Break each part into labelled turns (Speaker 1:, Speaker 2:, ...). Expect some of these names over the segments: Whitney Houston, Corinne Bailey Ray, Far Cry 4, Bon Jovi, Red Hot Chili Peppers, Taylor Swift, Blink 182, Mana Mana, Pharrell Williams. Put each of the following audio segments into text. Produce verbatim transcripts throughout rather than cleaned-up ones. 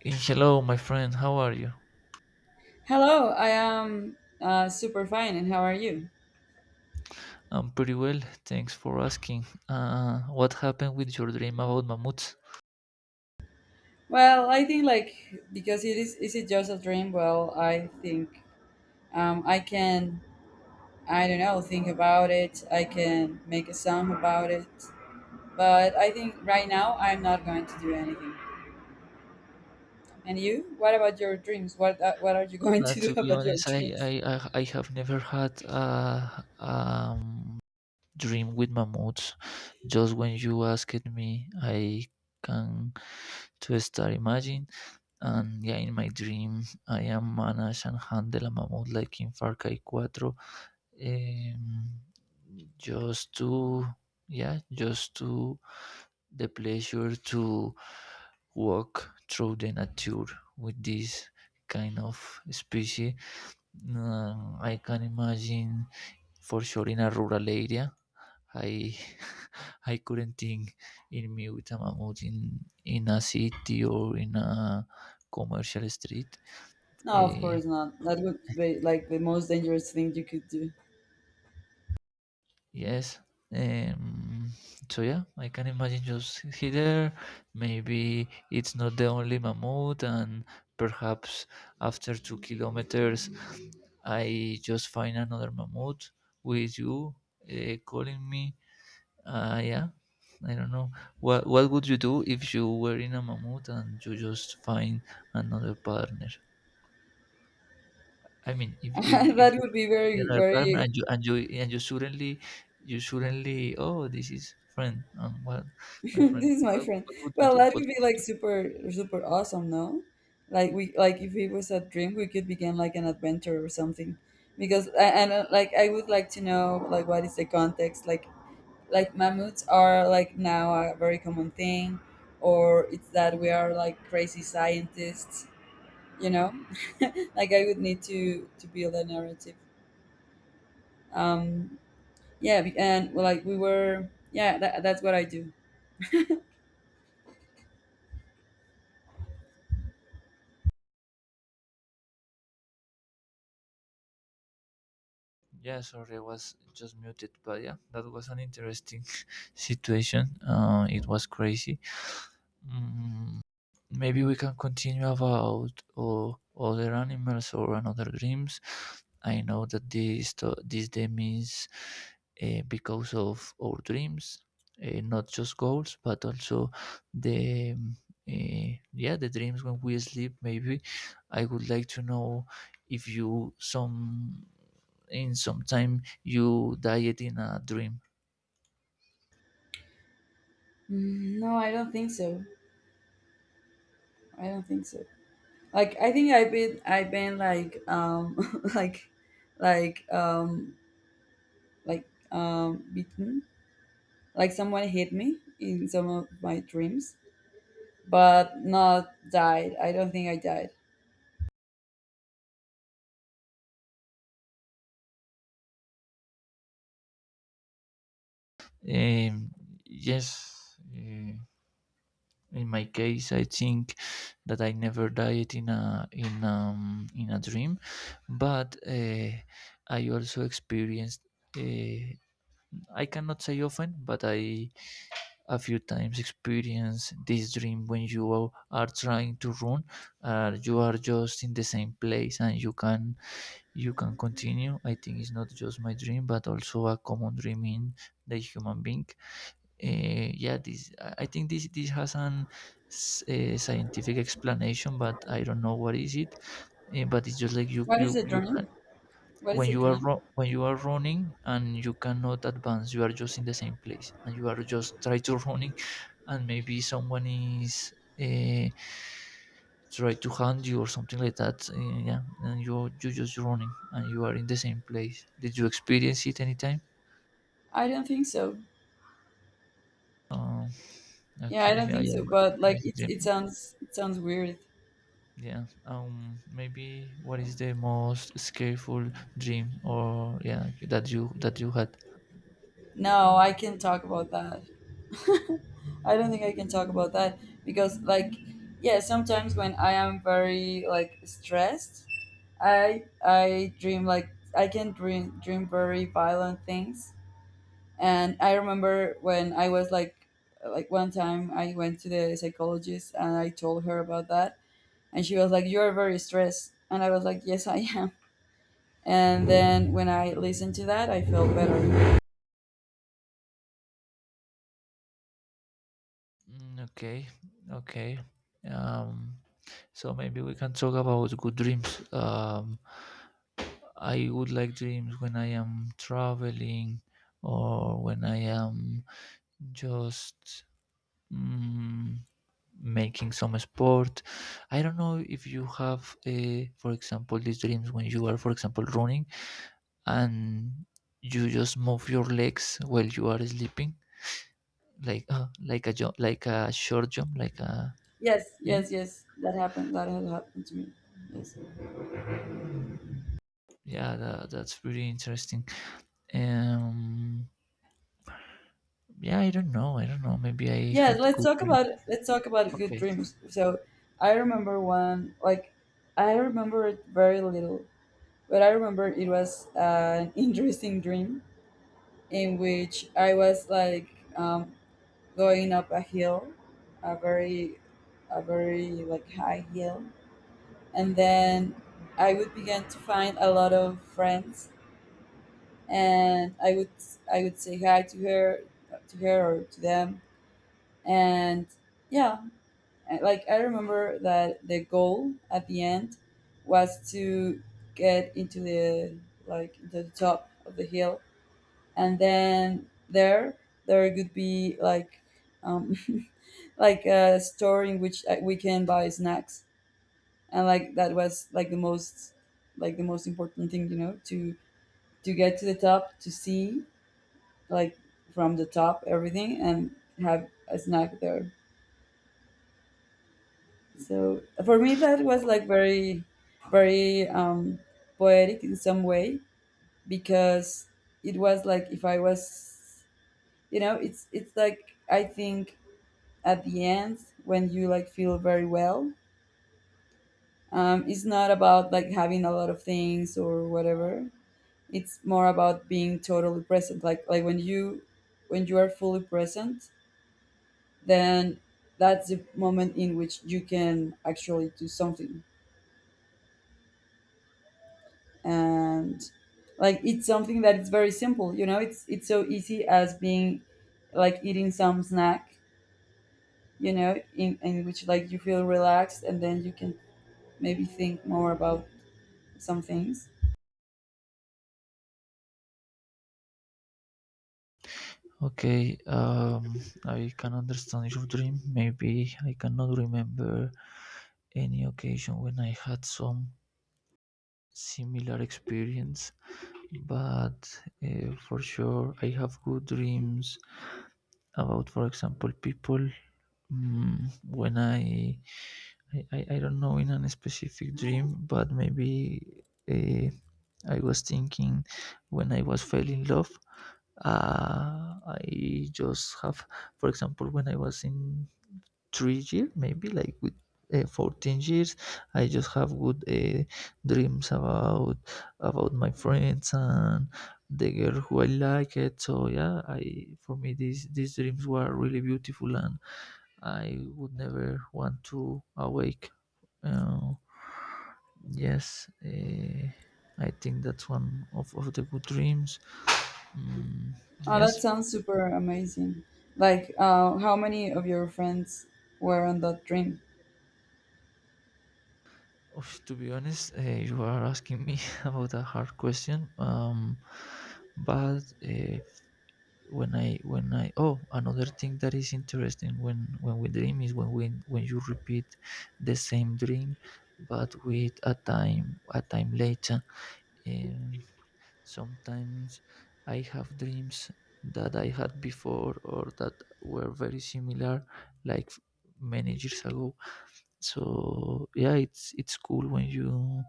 Speaker 1: Hey, hello, my friend. How are you?
Speaker 2: Hello, I am uh, super fine, and how are you?
Speaker 1: I'm pretty well. Thanks for asking. Uh, what happened with your dream about mammoths?
Speaker 2: Well, I think like because it is is it just a dream? Well, I think um, I can I don't know think about it. I can make a song about it, but I think right now I'm not going to do anything. And you? What about your dreams? What uh, what are you going
Speaker 1: Uh,
Speaker 2: to
Speaker 1: to
Speaker 2: do
Speaker 1: be
Speaker 2: about your
Speaker 1: honest, I,
Speaker 2: dreams?
Speaker 1: I, I I have never had a um, dream with mammoths. Just when you asked me, I can to start imagine. And yeah, in my dream, I am managed and handle a mammoth like in Far Cry four. um, just to yeah just to the pleasure to walk through the nature with this kind of species. Um, i can imagine, for sure, in a rural area. I I couldn't think in me with a mammoth in in a city or in a commercial street.
Speaker 2: No, of
Speaker 1: Uh,
Speaker 2: course not. That would be like the most dangerous thing you could do.
Speaker 1: Yes. Um, so yeah, I can imagine just he there. Maybe it's not the only mammoth, and perhaps after two kilometers, I just find another mammoth with you uh, calling me. Uh, yeah, I don't know. What what would you do if you were in a mammoth and you just find another partner? I mean, if if if
Speaker 2: That
Speaker 1: you
Speaker 2: would be
Speaker 1: in
Speaker 2: very
Speaker 1: an apartment
Speaker 2: very
Speaker 1: and you and you and you suddenly, you suddenly, oh, this is friend um what,
Speaker 2: this
Speaker 1: my friend
Speaker 2: is my
Speaker 1: what,
Speaker 2: friend.
Speaker 1: what would you
Speaker 2: Well,
Speaker 1: do,
Speaker 2: that
Speaker 1: what
Speaker 2: would be
Speaker 1: would you
Speaker 2: like
Speaker 1: do
Speaker 2: super, super awesome, no? Like we, like if it was a dream, we could begin like an adventure or something. Because I- and uh, like I would like to know like what is the context? Like like mammoths are like now a very common thing, or it's that we are like crazy scientists, you know? Like I would need to to build a narrative. Um, yeah, be- and well, like we were, yeah, that, that's what I do.
Speaker 1: Yeah, sorry, I was just muted, but yeah, that was an interesting situation, uh, it was crazy. Mm, Maybe we can continue about uh, other animals or another dreams. I know that this to- this dream is uh, because of our dreams, uh, not just goals, but also the um, uh, yeah the dreams when we sleep. Maybe I would like to know if you some in some time you died in a dream.
Speaker 2: Mm, no, I don't think so. I don't think so. Like I think I've been I've been like um like like um like um beaten. Like someone hit me in some of my dreams, but not died. I don't think I died.
Speaker 1: Um, yes. uh, in my case, I think that I never died in a in um in a dream, but uh, I also experienced, uh, I cannot say often, but I a few times experience this dream when you are are trying to run. Uh, you are just in the same place and you can you can continue. I think it's not just my dream but also a common dream in the human being. Uh, yeah, this, I think this this has an s- a scientific explanation, but I don't know what is it. Eh, but it's just like you
Speaker 2: What is
Speaker 1: you
Speaker 2: a
Speaker 1: you
Speaker 2: dream?
Speaker 1: can,
Speaker 2: What
Speaker 1: when
Speaker 2: is a
Speaker 1: you are
Speaker 2: dream?
Speaker 1: ru- when you are running and you cannot advance, you are just in the same place and you are just try to running, and maybe someone is uh, try to hand you or something like that, eh, yeah, and you you just running and you are in the same place. Did you experience it anytime?
Speaker 2: I don't think so.
Speaker 1: Oh,
Speaker 2: Yeah, I
Speaker 1: okay,
Speaker 2: don't
Speaker 1: yeah,
Speaker 2: think
Speaker 1: yeah,
Speaker 2: so.
Speaker 1: but
Speaker 2: But like it it sounds it sounds weird.
Speaker 1: yeah. Um. Maybe what is the most scary dream or yeah that you that you had?
Speaker 2: No, I can talk about that. I don't think I can talk about that because like yeah, sometimes when I am very like stressed I I dream like I can dream dream very violent things. And I remember when I was like like one time I went to the psychologist and I told her about that and she was like you are very stressed and I was like yes I am. And then when I listened to that I felt better.
Speaker 1: Mm, okay. Okay. Um. So maybe we can talk about good dreams. Um. I would like dreams when I am traveling or when I am just, mm, making some sport. I don't know if you have, uh, for example, these dreams when you are, for example, running, and you just move your legs while you are sleeping, like uh, like a jump, like a short jump, like a
Speaker 2: Yes,
Speaker 1: yeah,
Speaker 2: yes, yes. That happened. That had happened to me. Yes.
Speaker 1: yeah. That, that's pretty interesting. Um, yeah, I don't know. I don't know. Maybe I
Speaker 2: Yes,
Speaker 1: had
Speaker 2: let's
Speaker 1: good
Speaker 2: talk
Speaker 1: dream.
Speaker 2: about let's talk about good
Speaker 1: Okay,
Speaker 2: dreams. So I remember one like I remember it very little, but I remember it was an interesting dream in which I was like um, going up a hill, a very, a very like high hill, and then I would begin to find a lot of friends, and I would I would say hi to her, to her or to them, and yeah, I- like I remember that the goal at the end was to get into the like into the top of the hill and then there there could be like um, like a store in which uh, we can buy snacks. And like that was like the most, like the most important thing, you know, to to get to the top, to see like from the top everything, and have a snack there. So for me that was like very, very um poetic in some way, because it was like if I was, you know, it's it's like I think at the end when you like feel very well. Um, it's not about like having a lot of things or whatever. It's more about being totally present. Like like when you when you are fully present, then that's the moment in which you can actually do something. And like it's something that it's very simple, you know, it's it's so easy as being like eating some snack, you know, in, in which like you feel relaxed and then you can maybe think more about some things.
Speaker 1: okay. Um, I can understand your dream. Maybe I cannot remember any occasion when I had some similar experience, but uh, for sure I have good dreams about, for example, people, mm, when I, I i don't know, in a specific dream, but maybe uh, I was thinking when I was fell in love. uh, I just have, for example, when I was in three years, maybe, like with uh, fourteen years, I just have good uh, dreams about about my friends and the girl who I like it. So yeah, I, for me these these dreams were really beautiful and I would never want to awake. uh, yes, uh, I think that's one of, of the good dreams. Mm,
Speaker 2: Oh, that
Speaker 1: yes.
Speaker 2: sounds super amazing. Like, uh, how many of your friends were on that dream?
Speaker 1: Oof, to be honest, uh, you are asking me about a hard question. Um, but uh, when I when I oh, another thing that is interesting, when when we dream is when we when you repeat the same dream, but with a time a time later. Um, sometimes I have dreams that I had before or that were very similar, like many years ago. So yeah, it's it's cool when you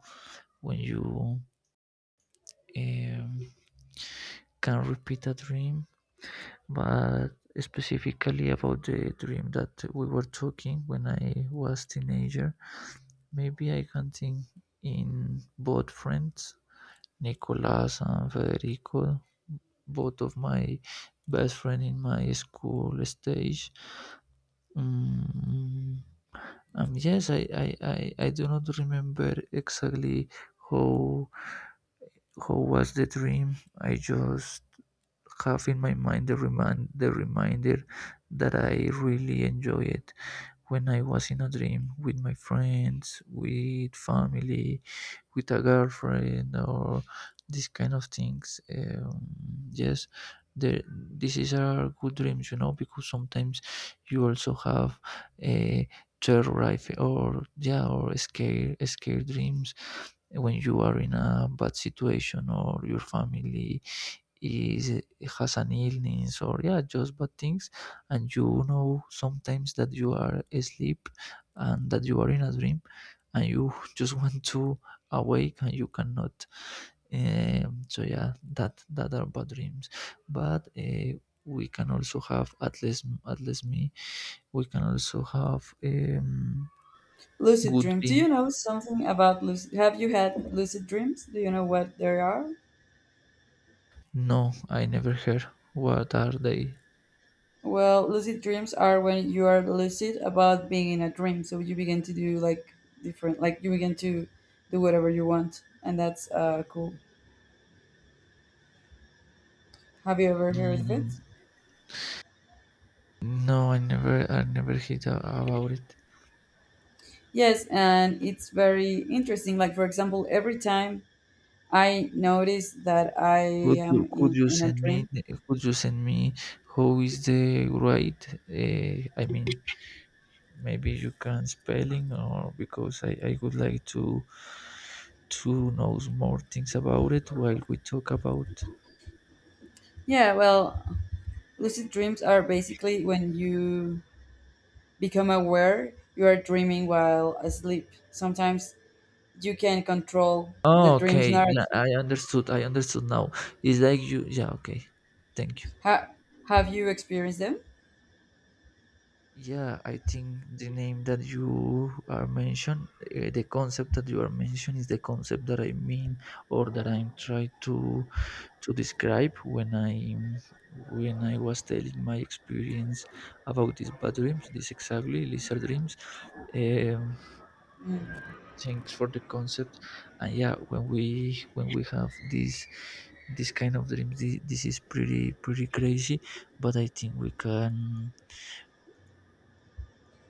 Speaker 1: when you, um, can repeat a dream. But specifically about the dream that we were talking, when I was teenager, maybe I can think in both friends, Nicolas and Federico, both of my best friend in my school stage. Mm, Um, yes, I, I, I, I do not remember exactly how how was the dream. I just have in my mind the remind the reminder that I really enjoy it when I was in a dream with my friends, with family, with a girlfriend, or these kind of things. Um, yes, the, this is are good dreams, you know, because sometimes you also have a terror or yeah or scare scare dreams when you are in a bad situation, or your family is has an illness, or yeah just bad things. And you know sometimes that you are asleep and that you are in a dream and you just want to awake and you cannot. Um, so yeah, that that are bad dreams, but uh, we can also have, at least at least me, we can also have um,
Speaker 2: Lucid
Speaker 1: good
Speaker 2: dreams. Do you
Speaker 1: dreams.
Speaker 2: know something about lucid? Have you had lucid dreams? Do you know what they are?
Speaker 1: No, I never heard. What are they?
Speaker 2: Well, lucid dreams are when you are lucid about being in a dream. So you begin to do like different, like you begin to do whatever you want. And that's uh, cool. Have you ever heard of it?
Speaker 1: Mm, no, i never i never heard a- about it.
Speaker 2: Yes, and it's very interesting. Like, for example, every time I noticed that I
Speaker 1: Could you,
Speaker 2: am
Speaker 1: could
Speaker 2: in,
Speaker 1: you
Speaker 2: in a
Speaker 1: send me,
Speaker 2: dream.
Speaker 1: could you send me who is the right? Uh, I mean, maybe you can spelling or because I, I would like to to know more things about it while we talk about.
Speaker 2: Yeah, well, lucid dreams are basically when you become aware you are dreaming while asleep. Sometimes you can control the
Speaker 1: Oh,
Speaker 2: dream's
Speaker 1: okay. Yeah,
Speaker 2: narrative.
Speaker 1: I understood. I understood now. It's like you. Yeah. Okay. Thank you.
Speaker 2: Ha- have you experienced them?
Speaker 1: Yeah, I think the name that you are mentioned, uh, the concept that you are mentioned is the concept that I mean or that I'm trying to to describe when I when I was telling my experience about these bad dreams, this exactly lizard dreams. Um,
Speaker 2: Mm,
Speaker 1: Thanks for the concept. And yeah, when we when we have these this kind of dreams, this, this is pretty pretty crazy. But I think we can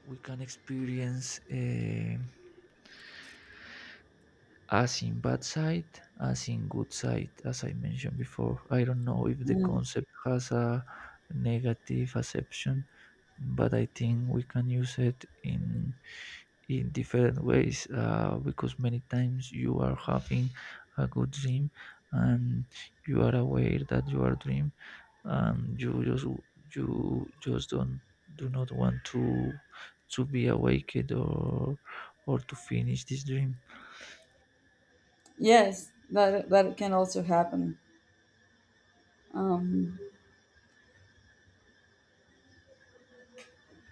Speaker 1: we can experience, uh, as in bad side, as in good side, as I mentioned before. I don't know if the
Speaker 2: mm.
Speaker 1: concept has a negative acception, but I think we can use it in in different ways, uh, because many times you are having a good dream, and you are aware that you are dream, and you just you just don't do not want to to be awakened or or to finish this dream.
Speaker 2: Yes, that that can also happen. Um,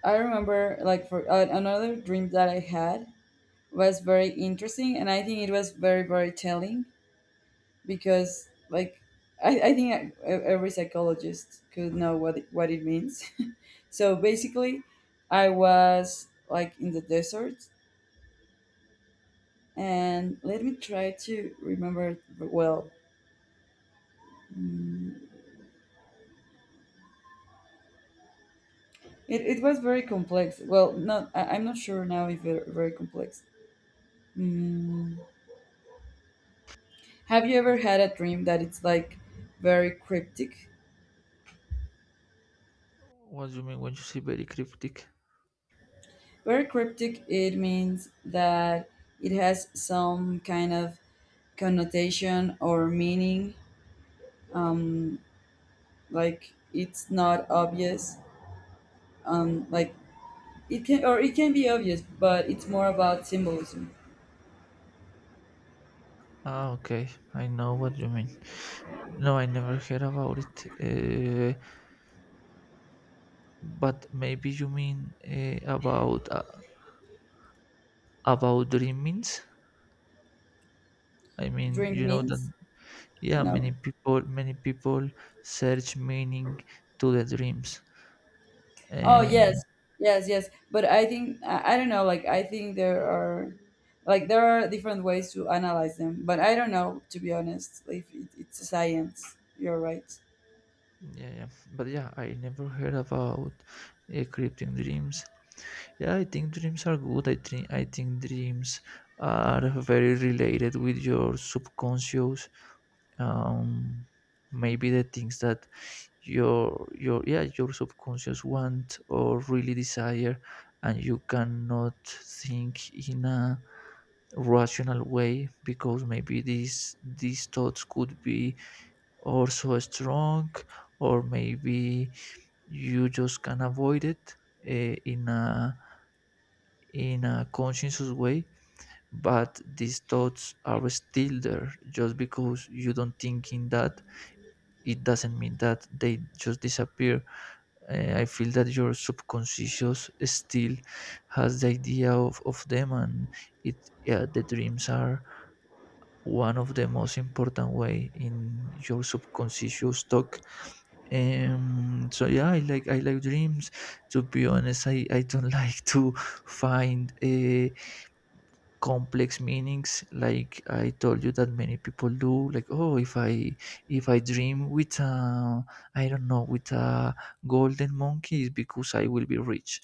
Speaker 2: I remember like for uh, another dream that I had was very interesting, and I think it was very, very telling, because like I, I think e- e, every psychologist could know what it, what it means. So basically, I was like in the desert, and let me try to remember well. Mm, It, it was very complex. Well, not I, I'm not sure now if it's very complex. Mm, have you ever had a dream that it's like very cryptic?
Speaker 1: What do you mean when you say very cryptic?
Speaker 2: Very cryptic. It means that it has some kind of connotation or meaning, um, like it's not obvious, um, like it can, or it can be obvious, but it's more about symbolism.
Speaker 1: Ah, okay. I know what you mean. No, I never heard about it. Uh, but maybe you mean uh, about uh, about dreamings. I mean,
Speaker 2: Dream
Speaker 1: you know that
Speaker 2: means
Speaker 1: yeah,
Speaker 2: no.
Speaker 1: many people many people search meaning to the dreams.
Speaker 2: Oh
Speaker 1: Uh,
Speaker 2: yes, yes, yes, but I think i, I don't know, like I think there are like there are different ways to analyze them, but I don't know to be honest if it, it's a science, you're right.
Speaker 1: yeah, yeah. But yeah, I never heard about uh, cryptic dreams. Yeah, I think dreams are good. I think I think dreams are very related with your subconscious. Um, maybe the things that your your yeah your subconscious want or really desire, and you cannot think in a rational way because maybe these these thoughts could be also strong, or maybe you just can avoid it uh, in a in a conscientious way, but these thoughts are still there. Just because you don't think in that, it doesn't mean that they just disappear. Uh, I feel that your subconscious still has the idea of, of them, and it yeah, the dreams are one of the most important way in your subconscious talk. Um, so yeah, I like I like dreams. To be honest, I, I don't like to find uh, complex meanings, like I told you that many people do, like, oh, if I if I dream with a I don't know with a golden monkey is because I will be rich.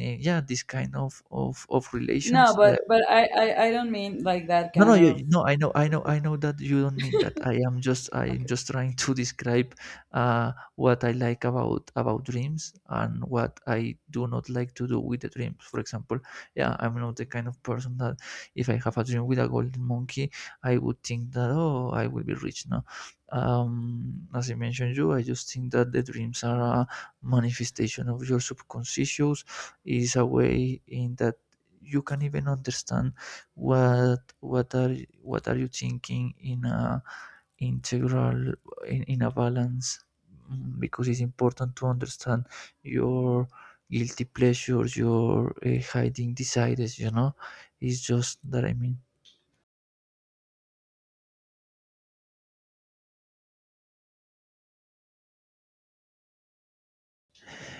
Speaker 1: Eh, yeah, this kind of of, of
Speaker 2: No,
Speaker 1: relations, uh,
Speaker 2: but but I, I I don't mean like that
Speaker 1: no, no,
Speaker 2: kind
Speaker 1: you
Speaker 2: of,
Speaker 1: no, I know, I know, I know that you don't mean that. I am just, I am
Speaker 2: okay.
Speaker 1: just trying to describe uh, what I like about about dreams and what I do not like to do with the dreams. For example, yeah, I'm not the kind of person that if I have a dream with a golden monkey, I would think that oh, I will be rich. No, um, as I mentioned you, I just think that the dreams are a manifestation of your subconscious. Is a way in that you can even understand what what are what are you thinking in a integral in, in a balance. Mm, because it's important to understand your guilty pleasures, your uh, hiding desires you know it's just that I mean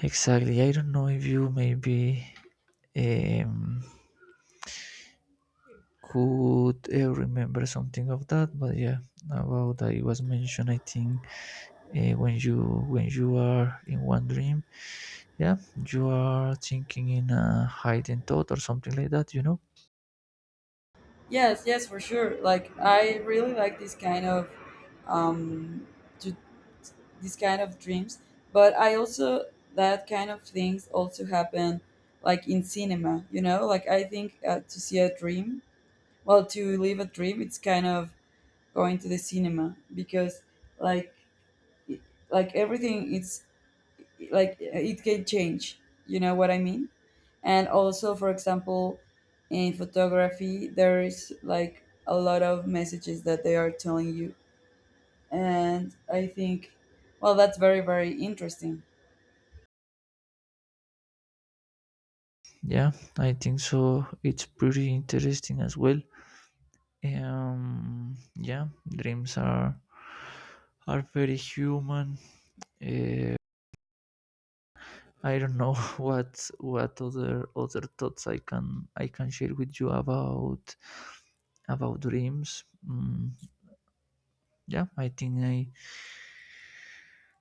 Speaker 1: Exactly, I don't know if you maybe um could uh, remember something of that, but yeah, about that it was mentioned, I think, uh, when you when you are in one dream, yeah, you are thinking in a hidden thought or something like that you know
Speaker 2: Yes, yes, for sure. Like I really like this kind of um to this kind of dreams, but I also that kind of things also happen like in cinema, you know? Like I think uh, to see a dream, well to live a dream, it's kind of going to the cinema because like it- like everything it's like it can change. You know what I mean? And also, for example, in photography there's like a lot of messages that they are telling you, and I think well that's very, very interesting.
Speaker 1: Yeah, I think so, it's pretty interesting as well. Um yeah, dreams are are very human. uh, I don't know what what other other thoughts i can i can share with you about about dreams. Mm, yeah, I think I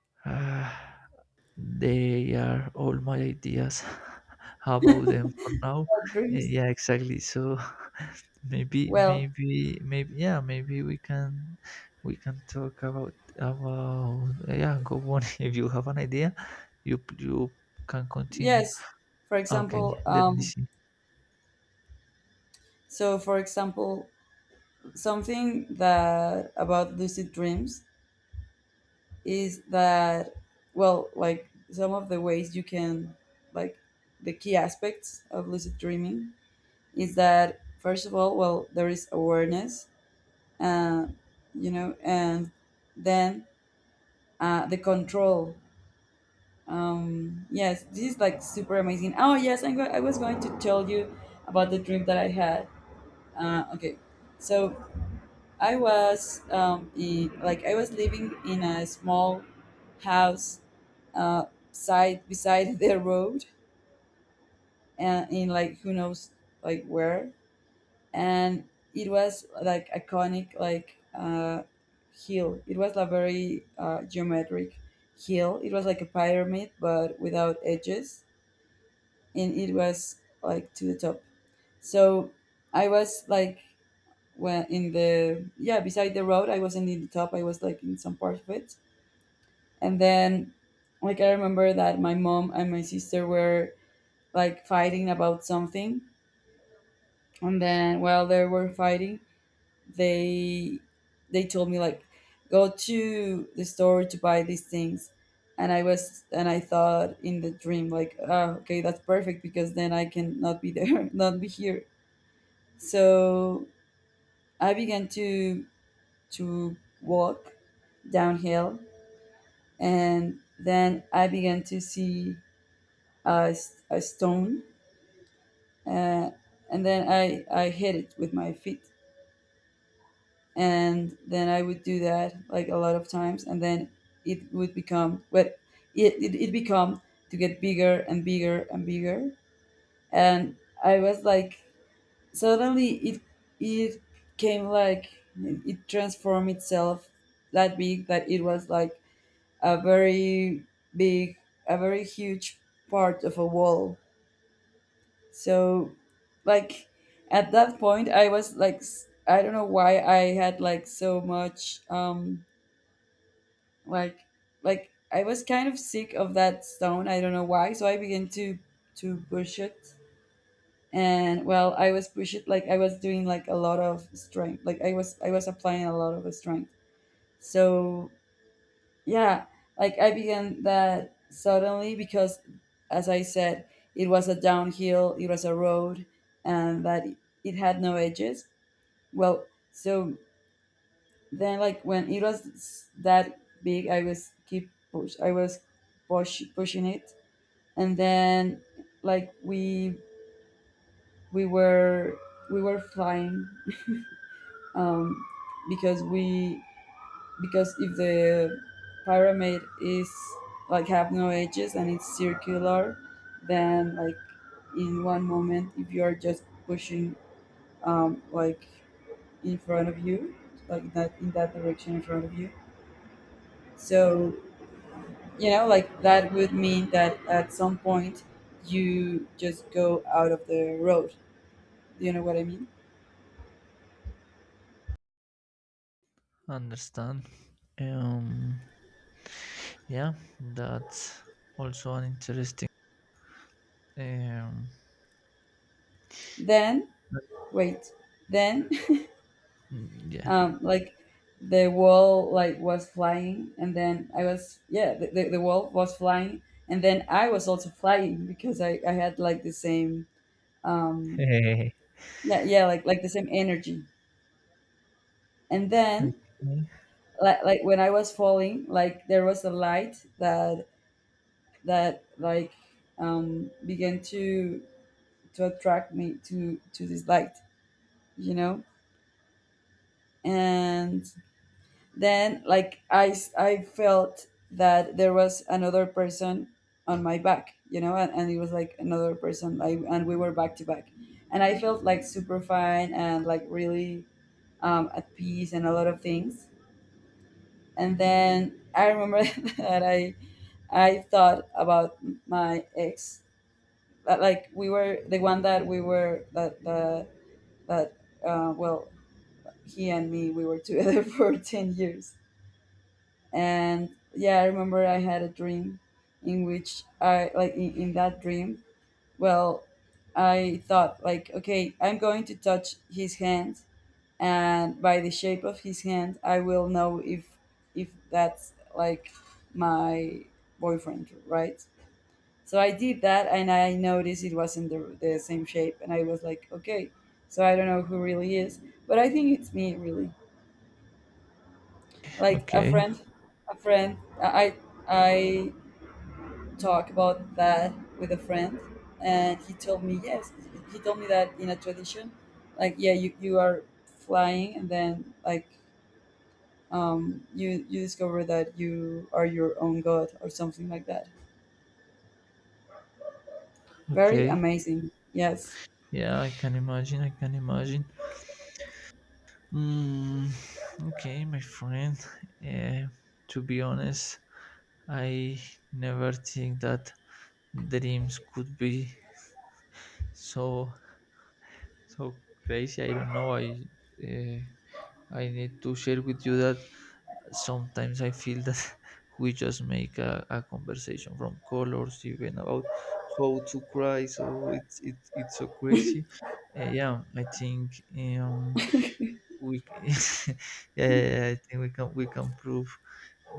Speaker 1: They are all my ideas about them for now.
Speaker 2: Uh,
Speaker 1: Uh,
Speaker 2: dreams,
Speaker 1: yeah, exactly. So maybe,
Speaker 2: well
Speaker 1: maybe, maybe, yeah, maybe we can we can talk about about yeah. Go on. If you have an idea, you you can continue.
Speaker 2: yes, for
Speaker 1: Okay,
Speaker 2: example
Speaker 1: let me
Speaker 2: um
Speaker 1: see.
Speaker 2: so for example something that about lucid dreams is that well like some of the ways you can, like, the key aspects of lucid dreaming is that first of all, well, there is awareness, uh, you know, and then uh, the control. Um, yes, this is like super amazing. Oh yes, I'm go- I was going to tell you about the dream that I had. Uh, okay, so I was um, in, like I was living in a small house, uh, side beside the road, and in like who knows like where. And it was like iconic, like uh, hill, it was a very uh, geometric hill, it was like a pyramid but without edges, and it was like to the top. So I was like when in the yeah beside the road, I wasn't in the top, I was like in some part of it. And then like I remember that my mom and my sister were like fighting about something, and then while they were fighting they they told me like go to the store to buy these things. And I was and I thought in the dream like ah, okay, that's perfect because then I can not be there not be here. So I began to to walk downhill, and then I began to see a, s- a stone, uh, and then i i hit it with my feet. And then I would do that like a lot of times, and then it would become, well, it it, it become to get bigger and bigger and bigger. And I was like suddenly it it came like it transformed itself that big that it was like a very big, a very huge part of a wall. So like at that point I was like s- I don't know why I had like so much um like like I was kind of sick of that stone. I don't know why. So I began to to push it, and well, I was push it like I was doing like a lot of strength. Like I was I was applying a lot of strength. So yeah, like I began that suddenly because, as I said, it was a downhill. It was a road, and that it had no edges. Well, so then, like when it was that big, I was keep push. I was push, pushing it, and then like we we were we were flying, um, because we, because if the pyramid is like have no edges and it's circular, then like in one moment, if you are just pushing, um, like in front of you, like that in that direction in front of you, so you know like that would mean that at some point you just go out of the road, do you know what I mean?
Speaker 1: Understand. Um, yeah, that's also an interesting. Um,
Speaker 2: Then wait, then
Speaker 1: mm, yeah.
Speaker 2: um like the wall like was flying and then I was yeah the, the, the wall was flying, and then I was also flying because i i had like the same um yeah, yeah, like like the same energy. And then
Speaker 1: Okay.
Speaker 2: like, like when I was falling, like there was a light that that like um, began to to attract me to to this light, you know. And then like i s- I felt that there was another person on my back, you know, and, and it was like another person, like, and we were back to back, and I felt like super fine and like really um, at peace and a lot of things. And then I remember that I I thought about my ex. That, like we were the one that we were that that that uh, well, he and me we were together for ten years. And yeah, I remember I had a dream in which I like in, in that dream, well, I thought like okay I'm going to touch his hand, and by the shape of his hand I will know if if that's like my boyfriend, right. So I did that and I noticed it wasn't the, the same shape. And I was like, okay, so I don't know who really is. But I think it's me, really. Like a
Speaker 1: Okay.
Speaker 2: friend, a friend, I, I talk about that with a friend. And he told me, yes, he told me that in a tradition, like, yeah, you, you are flying and then, like, um, you, you discover that you are your own god or something like that. Very
Speaker 1: Okay.
Speaker 2: amazing. Yes,
Speaker 1: Yeah, I can imagine. I can imagine. Mm, okay, my friend. Uh, to be honest, I never think that dreams could be so so crazy. I don't know. I uh, I need to share with you that sometimes I feel that we just make a, a conversation from colors, even about how to cry. So it's it it's so crazy. Uh, yeah, I think. Um, we yeah, yeah, yeah, I think we can we can prove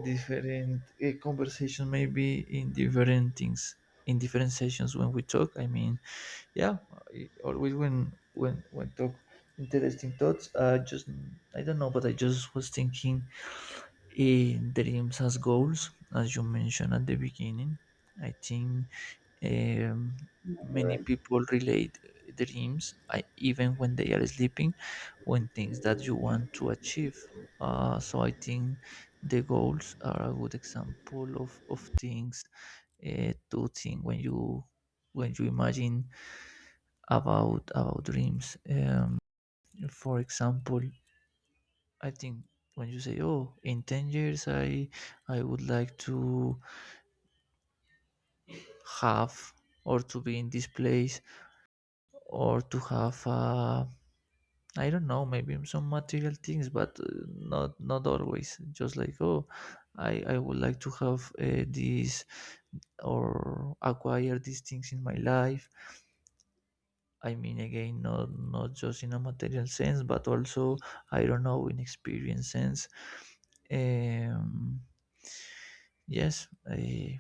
Speaker 1: different uh, conversation maybe in different things in different sessions when we talk. I mean, yeah, I- always when when when talk interesting thoughts. Uh, just I don't know, but I just was thinking in dreams as goals, as you mentioned at the beginning. I think um,
Speaker 2: you're
Speaker 1: many
Speaker 2: right.
Speaker 1: people relate dreams, I, even when they are sleeping, when things that you want to achieve. Uh, so I think the goals are a good example of, of things uh, to think when you when you imagine about about dreams. Um, for example, I think when you say, "Oh, in ten years, I I would like to have or to be in this place or to have a I don't know, maybe some material things, but uh, not not always. Just like oh, I I would like to have uh, these or acquire these things in my life. I mean, again, not not just in a material sense, but also I don't know in experience sense. Um, yes, I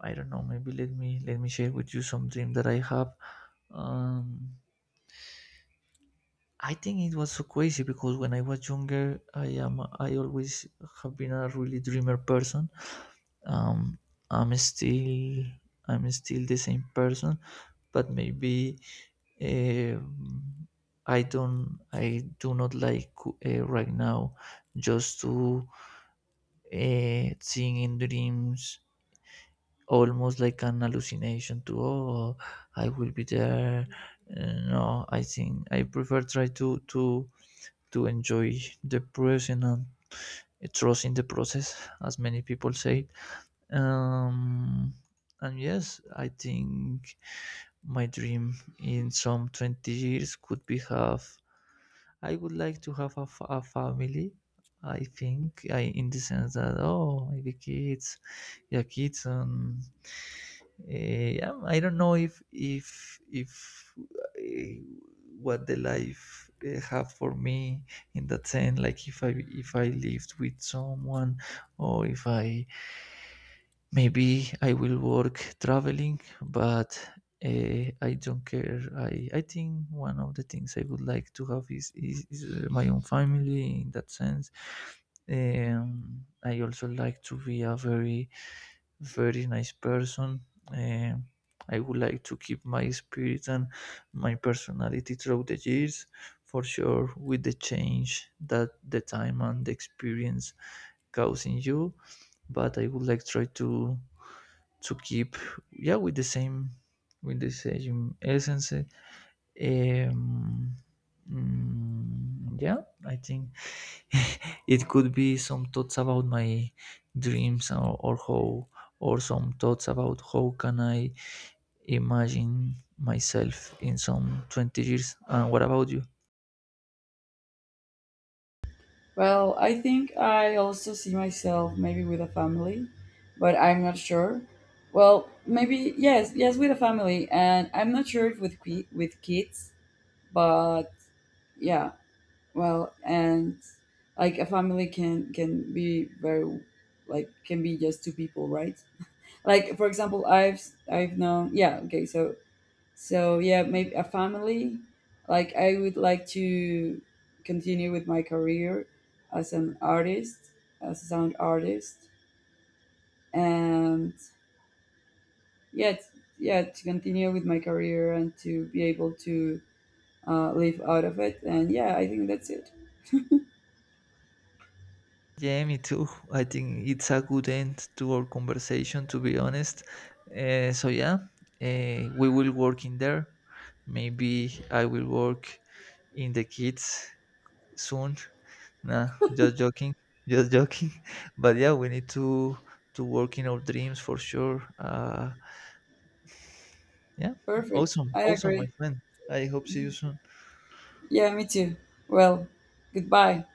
Speaker 1: I don't know. Maybe let me let me share with you something that I have. Um, I think it was so crazy because when I was younger, I am I always have been a really dreamer person. Um, I'm still I'm still the same person, but maybe um, I don't I do not like uh, right now just to uh, seeing in dreams almost like an hallucination to oh, I will be there. Uh, no, I think I prefer try to to to enjoy the present and trust in the process, as many people say. Um, and yes, I think my dream in some twenty years could be have I would like to have a, fa- a family. I think I in the sense that oh, maybe kids, yeah, kids, and yeah, I don't know if if if uh, what the life uh, have for me in that sense, like if I if I lived with someone or if I maybe I will work traveling, but uh, I don't care. I, I think one of the things I would like to have is, is, is uh, my own family in that sense. Um, I also like to be a very, very nice person. Um, I would like to keep my spirit and my personality throughout the years, for sure, with the change that the time and the experience cause in you. But I would like try to to keep yeah with the same with the same essence. Um, mm, yeah, I think it could be some thoughts about my dreams, or, or how, or some thoughts about how can I imagine myself in some twenty years. And what about you?
Speaker 2: Well, I think I also see myself maybe with a family, but I'm not sure. Well, maybe yes, yes with a family, and I'm not sure if with qui- with kids, but yeah, well, and like a family can can be very like can be just two people, right? Like for example, I've I've known yeah okay so so yeah, maybe a family. Like I would like to continue with my career as an artist, as a sound artist, and yeah, t- yeah, to continue with my career and to be able to uh, live out of it. And yeah, I think that's it.
Speaker 1: Yeah, me too. I think it's a good end to our conversation, to be honest. Uh, so, yeah, uh, we will work in there. Maybe I will work in the kids soon. Nah, just joking, just joking. But yeah, we need to to work in our dreams for sure. Uh, yeah,
Speaker 2: Perfect.
Speaker 1: awesome,
Speaker 2: I
Speaker 1: awesome, my
Speaker 2: agree.
Speaker 1: friend. I hope see you soon.
Speaker 2: Yeah, me too. Well, goodbye.